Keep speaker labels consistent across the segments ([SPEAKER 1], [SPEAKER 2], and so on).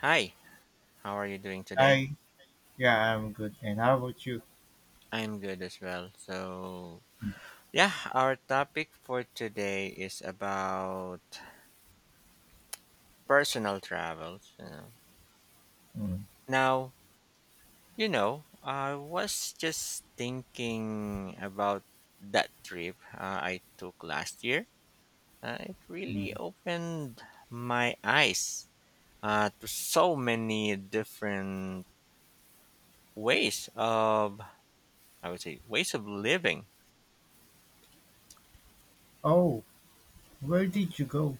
[SPEAKER 1] Hi, how are you doing today?
[SPEAKER 2] Hi, yeah, I'm good. And how about you?
[SPEAKER 1] I'm good as well. So, yeah, our topic for today is about personal travels.
[SPEAKER 2] Mm,
[SPEAKER 1] Now, I was just thinking about that trip I took last year. It
[SPEAKER 2] mm.
[SPEAKER 1] really opened my eyes to so many different ways of, I would say, ways of living.
[SPEAKER 2] Oh, where did you go?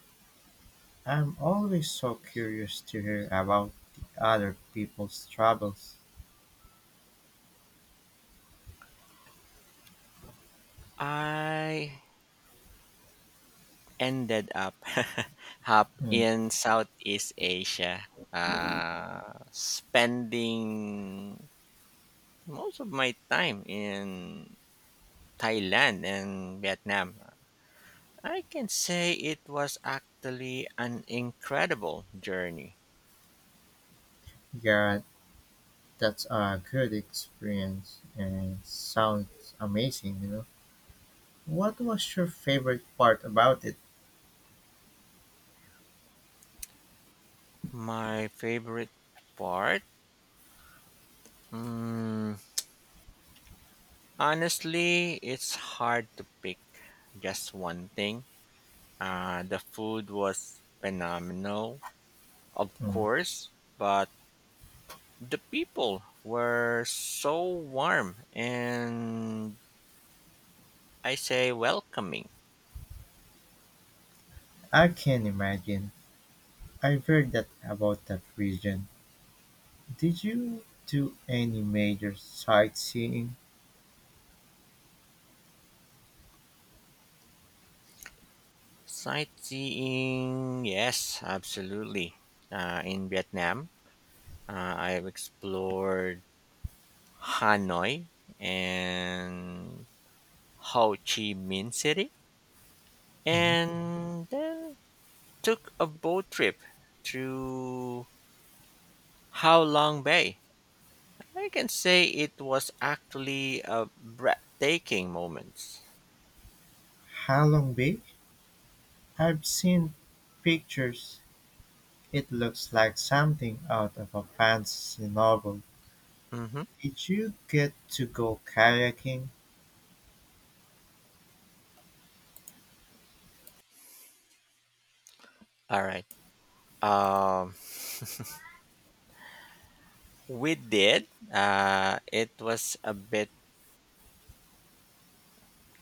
[SPEAKER 2] I'm always so curious to hear about the other people's troubles.
[SPEAKER 1] I ended up up
[SPEAKER 2] Mm,
[SPEAKER 1] in Southeast Asia, spending most of my time in Thailand and Vietnam. I can say it was actually an incredible journey.
[SPEAKER 2] yeah, that's a good experience and sounds amazing. What was your favorite part about it?
[SPEAKER 1] My favorite part, mm, honestly, it's hard to pick just one thing. The food was phenomenal, of
[SPEAKER 2] Mm,
[SPEAKER 1] course, but the people were so warm and I say welcoming.
[SPEAKER 2] I can imagine. I've heard that about that region. Did you do any major sightseeing?
[SPEAKER 1] Sightseeing, yes, absolutely. In Vietnam, I've explored Hanoi and Ho Chi Minh City,
[SPEAKER 2] Mm-hmm.
[SPEAKER 1] and then took a boat trip through How Long Bay. I can say it was actually a breathtaking moment.
[SPEAKER 2] Halong Bay? I've seen pictures. It looks like something out of a fantasy novel.
[SPEAKER 1] Mm-hmm.
[SPEAKER 2] Did you get to go kayaking?
[SPEAKER 1] All right. Um, we did. It was a bit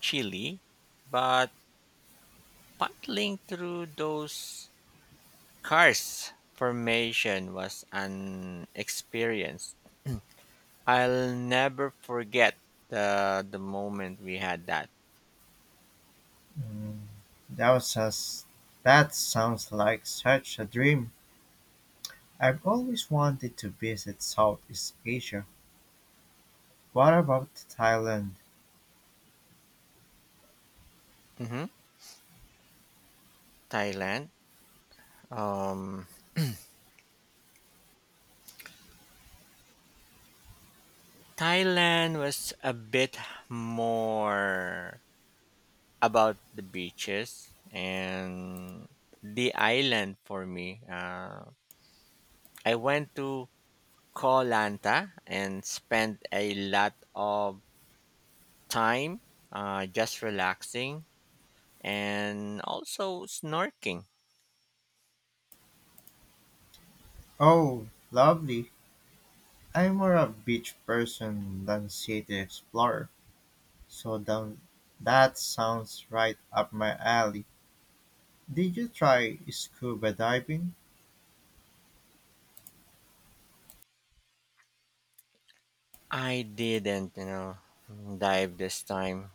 [SPEAKER 1] chilly, but paddling through those karst formation was an experience. I'll never forget the moment we had that.
[SPEAKER 2] Mm, that was us- that sounds like such a dream. I've always wanted to visit Southeast Asia. What about Thailand?
[SPEAKER 1] hmm Thailand. Um, Thailand was a bit more about the beaches and the island for me. I went to Koh Lanta and spent a lot of time just relaxing and also snorkeling.
[SPEAKER 2] Oh, lovely. I'm more a beach person than city explorer, so that sounds right up my alley. Did you try scuba diving?
[SPEAKER 1] I didn't, dive this time,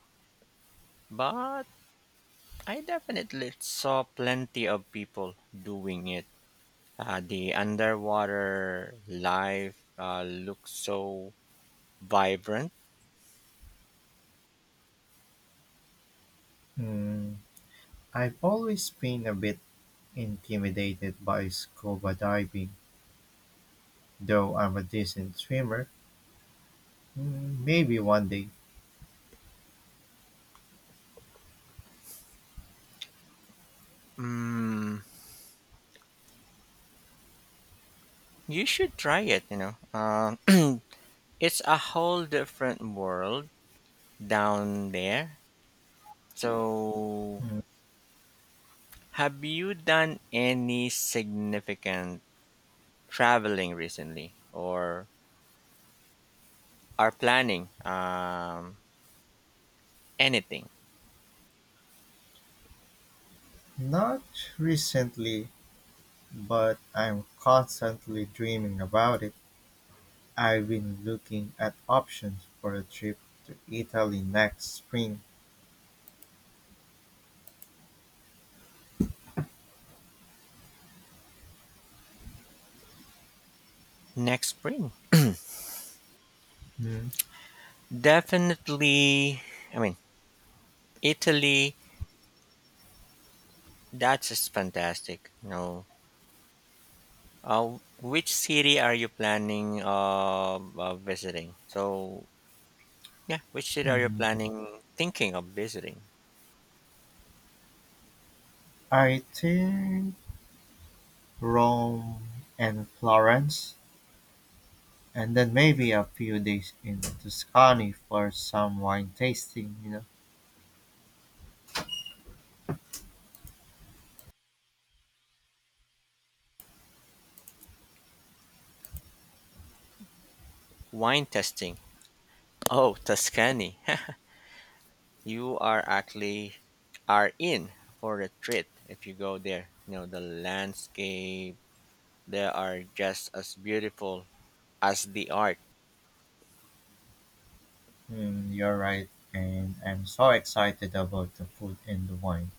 [SPEAKER 1] but I definitely saw plenty of people doing it. The underwater life looks so vibrant.
[SPEAKER 2] Hmm, I've always been a bit intimidated by scuba diving, though I'm a decent swimmer. Hmm, maybe one day.
[SPEAKER 1] Mm, you should try it, you know. It's a whole different world down there. So,
[SPEAKER 2] Hmm,
[SPEAKER 1] have you done any significant traveling recently or are planning anything
[SPEAKER 2] not recently, but I'm constantly dreaming about it. I've been looking at options for a trip to Italy next spring.
[SPEAKER 1] next spring? Definitely, I mean, Italy, that's just fantastic. No. Which city are you planning of visiting? So, yeah, which city are you
[SPEAKER 2] Hmm,
[SPEAKER 1] planning, thinking of visiting?
[SPEAKER 2] I think Rome and Florence and then maybe a few days in Tuscany for some wine tasting.
[SPEAKER 1] Wine testing. Oh, Tuscany. you are actually are in for a treat if you go there. You know, the landscape they are just as beautiful as the art.
[SPEAKER 2] Mm, you're right, and I'm so excited about the food and the wine.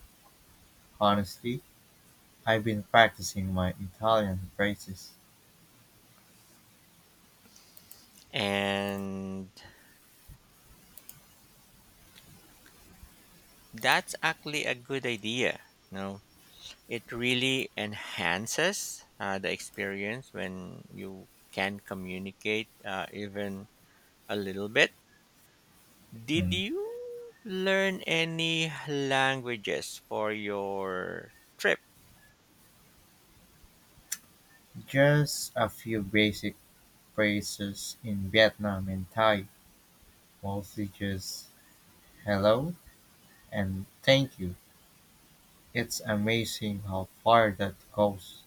[SPEAKER 2] Honestly, I've been practicing my Italian phrases.
[SPEAKER 1] And that's actually a good idea. You know, it really enhances the experience when you can communicate even a little bit. Did
[SPEAKER 2] Mm,
[SPEAKER 1] you learn any languages for your trip?
[SPEAKER 2] just a few basic phrases in Vietnam and Thai, mostly just hello and thank you. It's amazing how far that goes.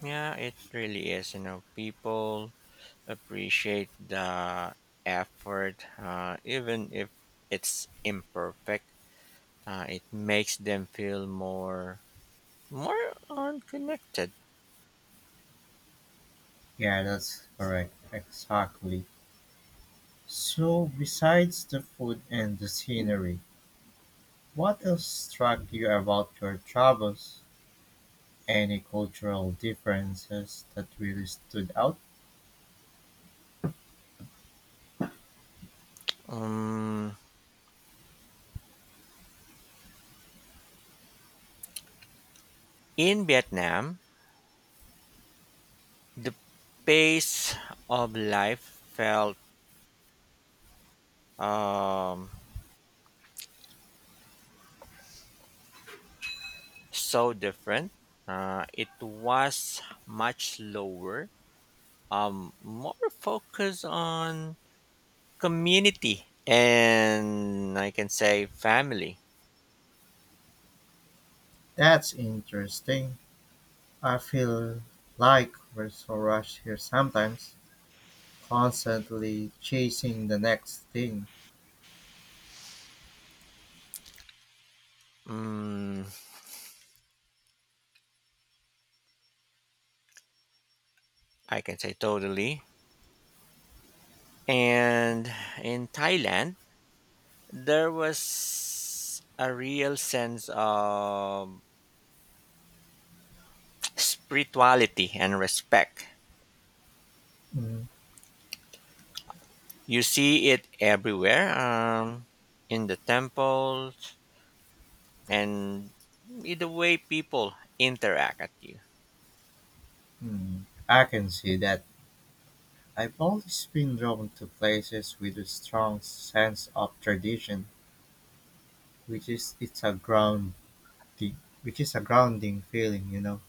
[SPEAKER 1] Yeah, it really is. You know, people appreciate the effort, even if it's imperfect. It makes them feel more unconnected.
[SPEAKER 2] Yeah, that's correct. Exactly. So besides the food and the scenery, what else struck you about your travels? Any cultural differences that really stood out?
[SPEAKER 1] Um, in Vietnam, the pace of life felt um, so different. It was much slower, more focused on community and I can say family.
[SPEAKER 2] That's interesting. I feel like we're so rushed here sometimes, constantly chasing the next thing.
[SPEAKER 1] Mm, I can say totally. And in Thailand, there was a real sense of spirituality and respect. You see it everywhere in the temples and in the way people interact at you.
[SPEAKER 2] Mhm. I can see that. I've always been drawn to places with a strong sense of tradition, which is it's a ground the which is a grounding feeling.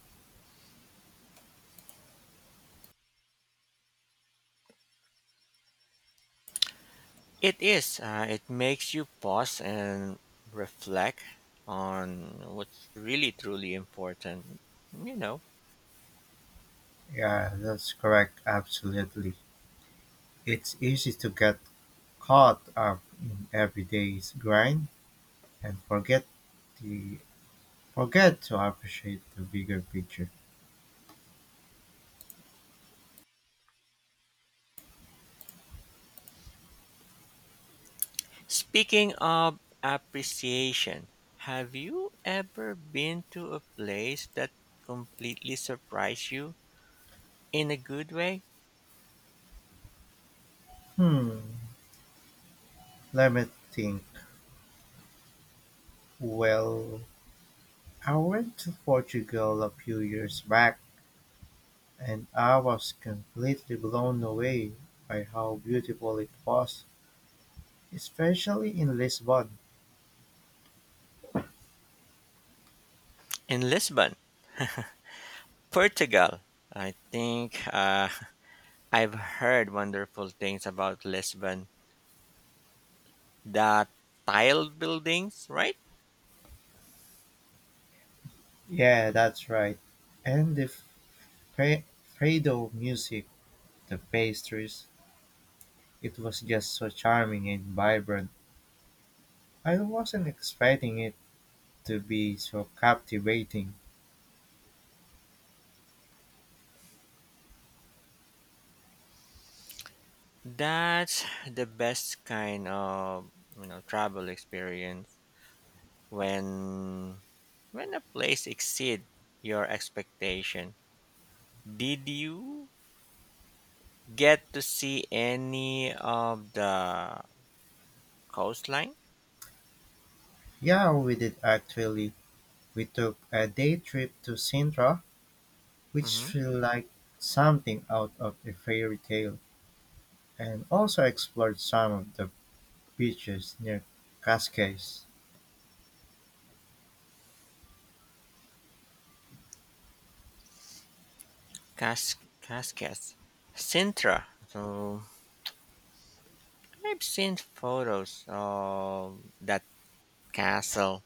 [SPEAKER 1] It is. It makes you pause and reflect on what's really truly important. You know,
[SPEAKER 2] Yeah, that's correct. Absolutely. It's easy to get caught up in everyday's grind and the forget to appreciate the bigger picture.
[SPEAKER 1] speaking of appreciation, have you ever been to a place that completely surprised you in a good way?
[SPEAKER 2] Hmm. Let me think. Well, I went to Portugal a few years back and I was completely blown away by how beautiful it was, especially in Lisbon.
[SPEAKER 1] In Lisbon, Portugal. I think I've heard wonderful things about Lisbon. The tiled buildings, right?
[SPEAKER 2] Yeah, that's right. And the Fre- Fredo music, the pastries, it was just so charming and vibrant. I wasn't expecting it to be so captivating.
[SPEAKER 1] That's the best kind of, you know, travel experience when a place exceed your expectation. Did you get to see any of the coastline?
[SPEAKER 2] Yeah, we did actually. We took a day trip to Sintra, which
[SPEAKER 1] Mm-hmm.
[SPEAKER 2] felt like something out of a fairy tale, and also explored some of the beaches near Cascais.
[SPEAKER 1] Cas- Cascades, Sintra. So I've seen photos of that castle.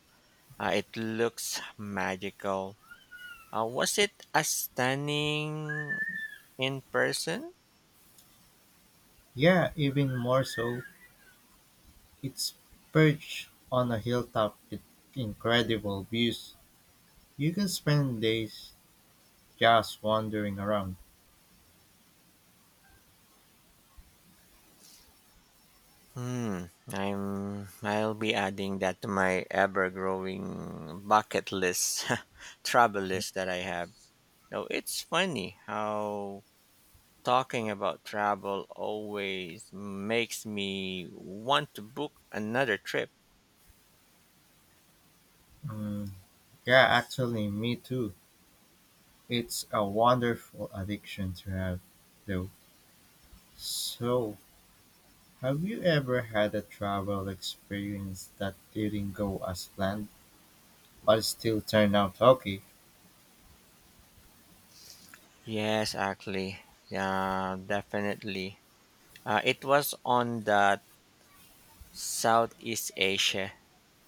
[SPEAKER 1] It looks magical. Was it as stunning in person?
[SPEAKER 2] Yeah, even more so. It's perched on a hilltop with incredible views. You can spend days just wandering around.
[SPEAKER 1] Hmm, I'll be adding that to my ever-growing bucket list, travel list that I have. Now, it's funny how talking about travel always makes me want to book another trip.
[SPEAKER 2] Mm, yeah, actually, me too. It's a wonderful addiction to have, though. So, have you ever had a travel experience that didn't go as planned but still turned out okay?
[SPEAKER 1] Yes, actually. Yeah, definitely. It was on that Southeast Asia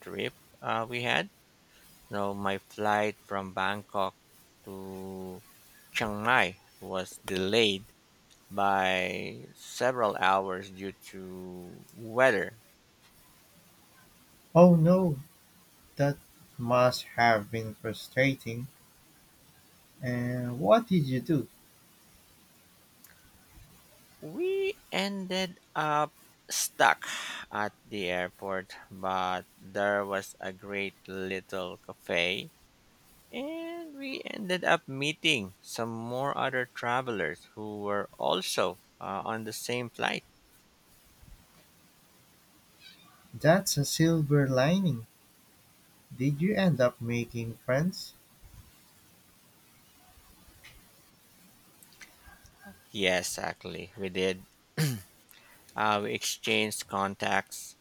[SPEAKER 1] trip we had. No, my flight from Bangkok to Chiang Mai was delayed by several hours due to weather.
[SPEAKER 2] Oh no, that must have been frustrating. And what did you do?
[SPEAKER 1] We ended up stuck at the airport, but there was a great little cafe, and we ended up meeting some more other travelers who were also on the same flight.
[SPEAKER 2] That's a silver lining. Did you end up making friends?
[SPEAKER 1] Yes, actually, we did. We exchanged contacts,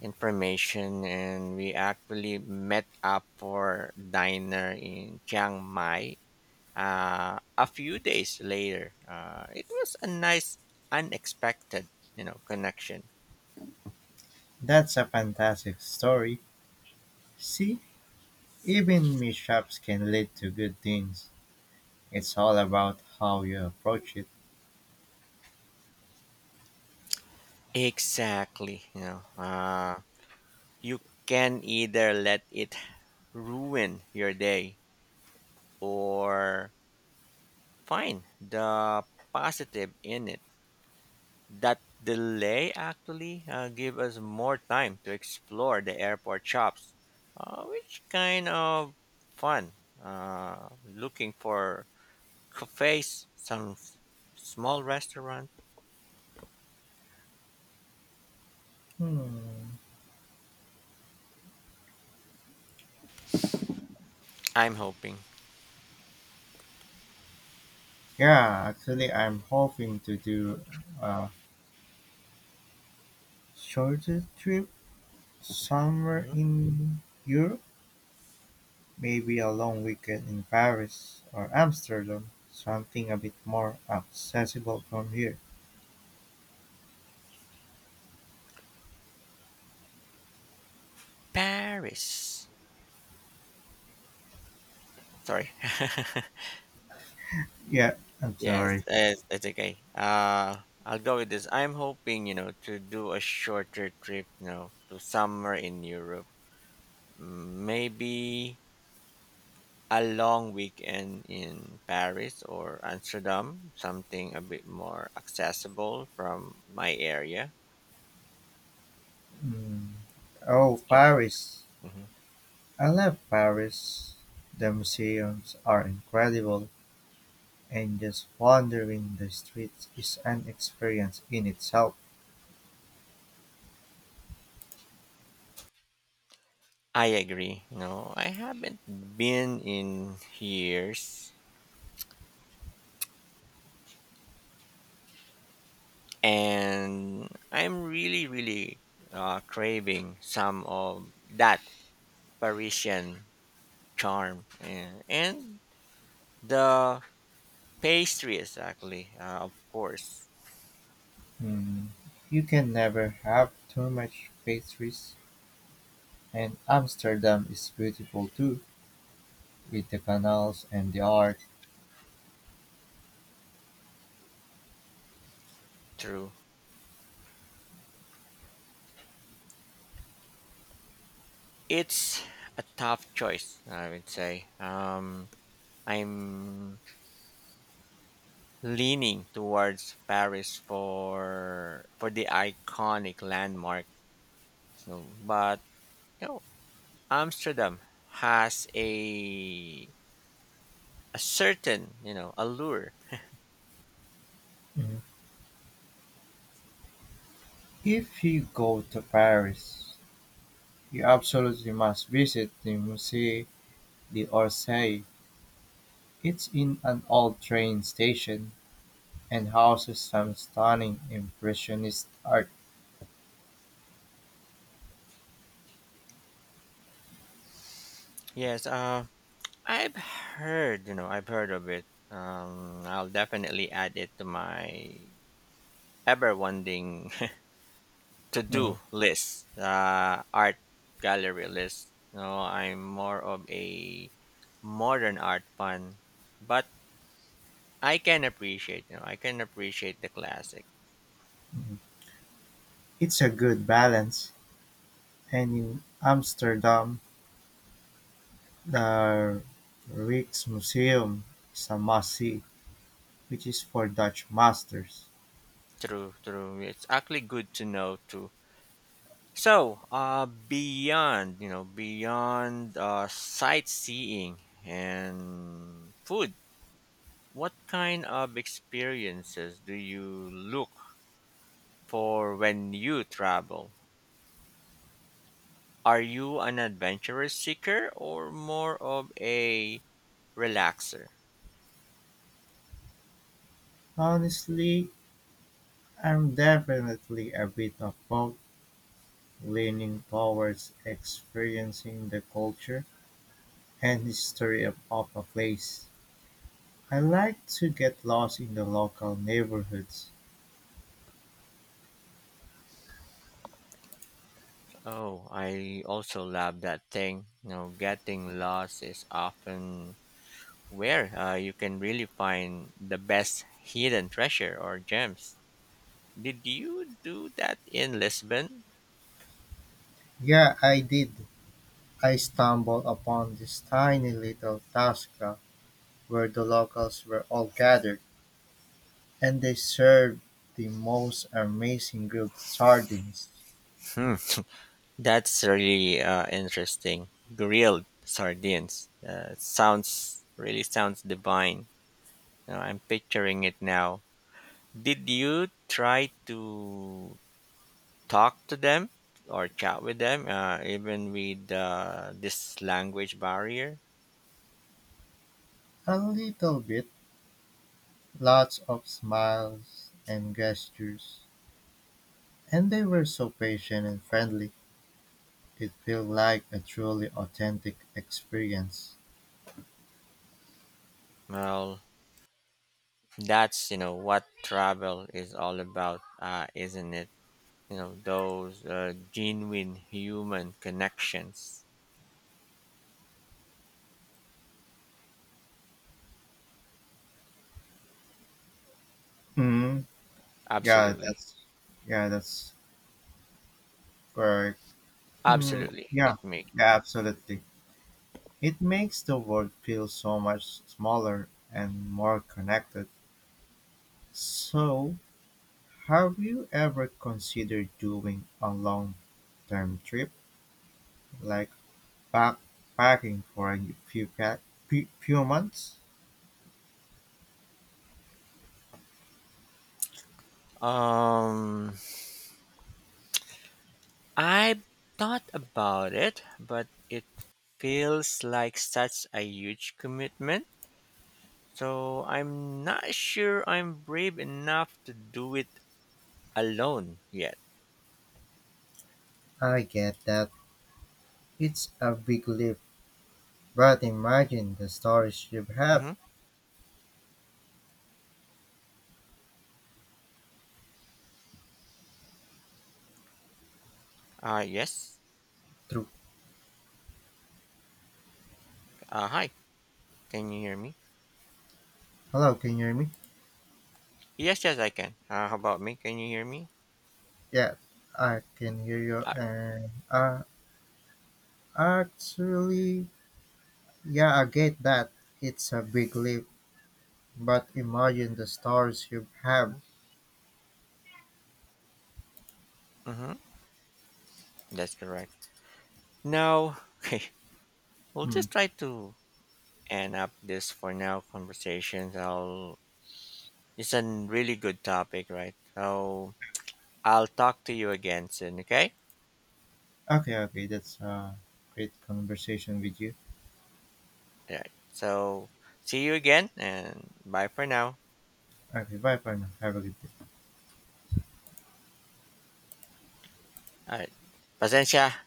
[SPEAKER 1] information, and we actually met up for dinner in Chiang Mai a few days later. It was a nice, unexpected, you know, connection.
[SPEAKER 2] That's a fantastic story. See, even mishaps can lead to good things. It's all about how you approach it.
[SPEAKER 1] Exactly. You can either let it ruin your day or find the positive in it. That delay actually gave us more time to explore the airport shops, which kind of fun. Looking for cafes, small restaurant.
[SPEAKER 2] Hmm.
[SPEAKER 1] I'm hoping.
[SPEAKER 2] Yeah, actually, I'm hoping to do a shorter trip somewhere
[SPEAKER 1] Mhm.
[SPEAKER 2] in Europe, maybe a long weekend in Paris or Amsterdam, something a bit more accessible from here.
[SPEAKER 1] Paris. Sorry.
[SPEAKER 2] Yeah, I'm
[SPEAKER 1] Yes,
[SPEAKER 2] sorry.
[SPEAKER 1] it's okay. I'll go with this. I'm hoping, you know, to do a shorter trip, you know, to somewhere in Europe. Maybe a long weekend in Paris or Amsterdam, something a bit more accessible from my area.
[SPEAKER 2] Hmm. Oh,
[SPEAKER 1] Oh,
[SPEAKER 2] Paris.
[SPEAKER 1] mhm.
[SPEAKER 2] I love Paris. The museums are incredible, and just wandering the streets is an experience in itself.
[SPEAKER 1] I agree. No, I haven't been in years, and I'm really, really craving some of that Parisian charm and the pastries, actually, of course.
[SPEAKER 2] Mm, you can never have too much pastries, and Amsterdam is beautiful too, with the canals and the art.
[SPEAKER 1] True. It's a tough choice, I would say. I'm leaning towards Paris for the iconic landmark, you know, but you know, Amsterdam has a certain, you know, allure.
[SPEAKER 2] Mm, if you go to Paris, you absolutely must visit the Musée d'Orsay. It's in an old train station and houses some stunning Impressionist art.
[SPEAKER 1] Yes, I've heard of it. I'll definitely add it to my ever wanting to
[SPEAKER 2] Mm.
[SPEAKER 1] do list, art gallery list. No, I'm more of a modern art fan, but I can appreciate. You know, I can appreciate the classic.
[SPEAKER 2] It's a good balance. And in Amsterdam, the Rijksmuseum is a must see, which is for Dutch masters.
[SPEAKER 1] True, true. It's actually good to know too. So, beyond beyond sightseeing and food, what kind of experiences do you look for when you travel? Are you an adventurous seeker or more of a relaxer?
[SPEAKER 2] Honestly, I'm definitely a bit of both, leaning towards experiencing the culture and history of a place. I like to get lost in the local neighborhoods.
[SPEAKER 1] Oh, I also love that thing. You know, getting lost is often where you can really find the best hidden treasure or gems. Did you do that in Lisbon?
[SPEAKER 2] Yeah, I did. I stumbled upon this tiny little tasca where the locals were all gathered, and they served the most amazing grilled sardines.
[SPEAKER 1] Hmm. That's really interesting. Grilled sardines. Sounds really sounds divine. I'm picturing it now. Did you try to talk to them or chat with them, even with this language barrier?
[SPEAKER 2] A little bit, lots of smiles and gestures, and they were so patient and friendly. It felt like a truly authentic experience.
[SPEAKER 1] Well, that's, you know, what travel is all about, isn't it? You know those genuine human connections.
[SPEAKER 2] Hmm. Yeah,
[SPEAKER 1] Absolutely,
[SPEAKER 2] that's yeah, that's correct. Hmm.
[SPEAKER 1] absolutely,
[SPEAKER 2] Yeah.
[SPEAKER 1] it makes.
[SPEAKER 2] Yeah, absolutely. It makes the world feel so much smaller and more connected. So, have you ever considered doing a long term trip, like backpacking for a few months?
[SPEAKER 1] Um, I thought about it, but it feels like such a huge commitment. So I'm not sure I'm brave enough to do it alone yet.
[SPEAKER 2] I get that. It's a big leap, but imagine the stories you have
[SPEAKER 1] Mm-hmm. Yes.
[SPEAKER 2] through.
[SPEAKER 1] Hi. Can you hear me?
[SPEAKER 2] Hello, can you hear me?
[SPEAKER 1] Yes, yes, I can. How about me? Can you hear me?
[SPEAKER 2] Yeah, I can hear you.
[SPEAKER 1] Uh,
[SPEAKER 2] And actually, yeah, I get that. It's a big leap, but imagine the stars you have.
[SPEAKER 1] mm-hmm. That's correct. Now, okay, we'll
[SPEAKER 2] Hmm.
[SPEAKER 1] just try to end up this for now conversations. I'll. It's a really good topic, right? So I'll talk to you again soon. Okay.
[SPEAKER 2] Okay, okay, that's a great conversation with you.
[SPEAKER 1] All right. So see you again, and bye for now.
[SPEAKER 2] Okay, bye for now. Have a good day.
[SPEAKER 1] All right. Pasensya.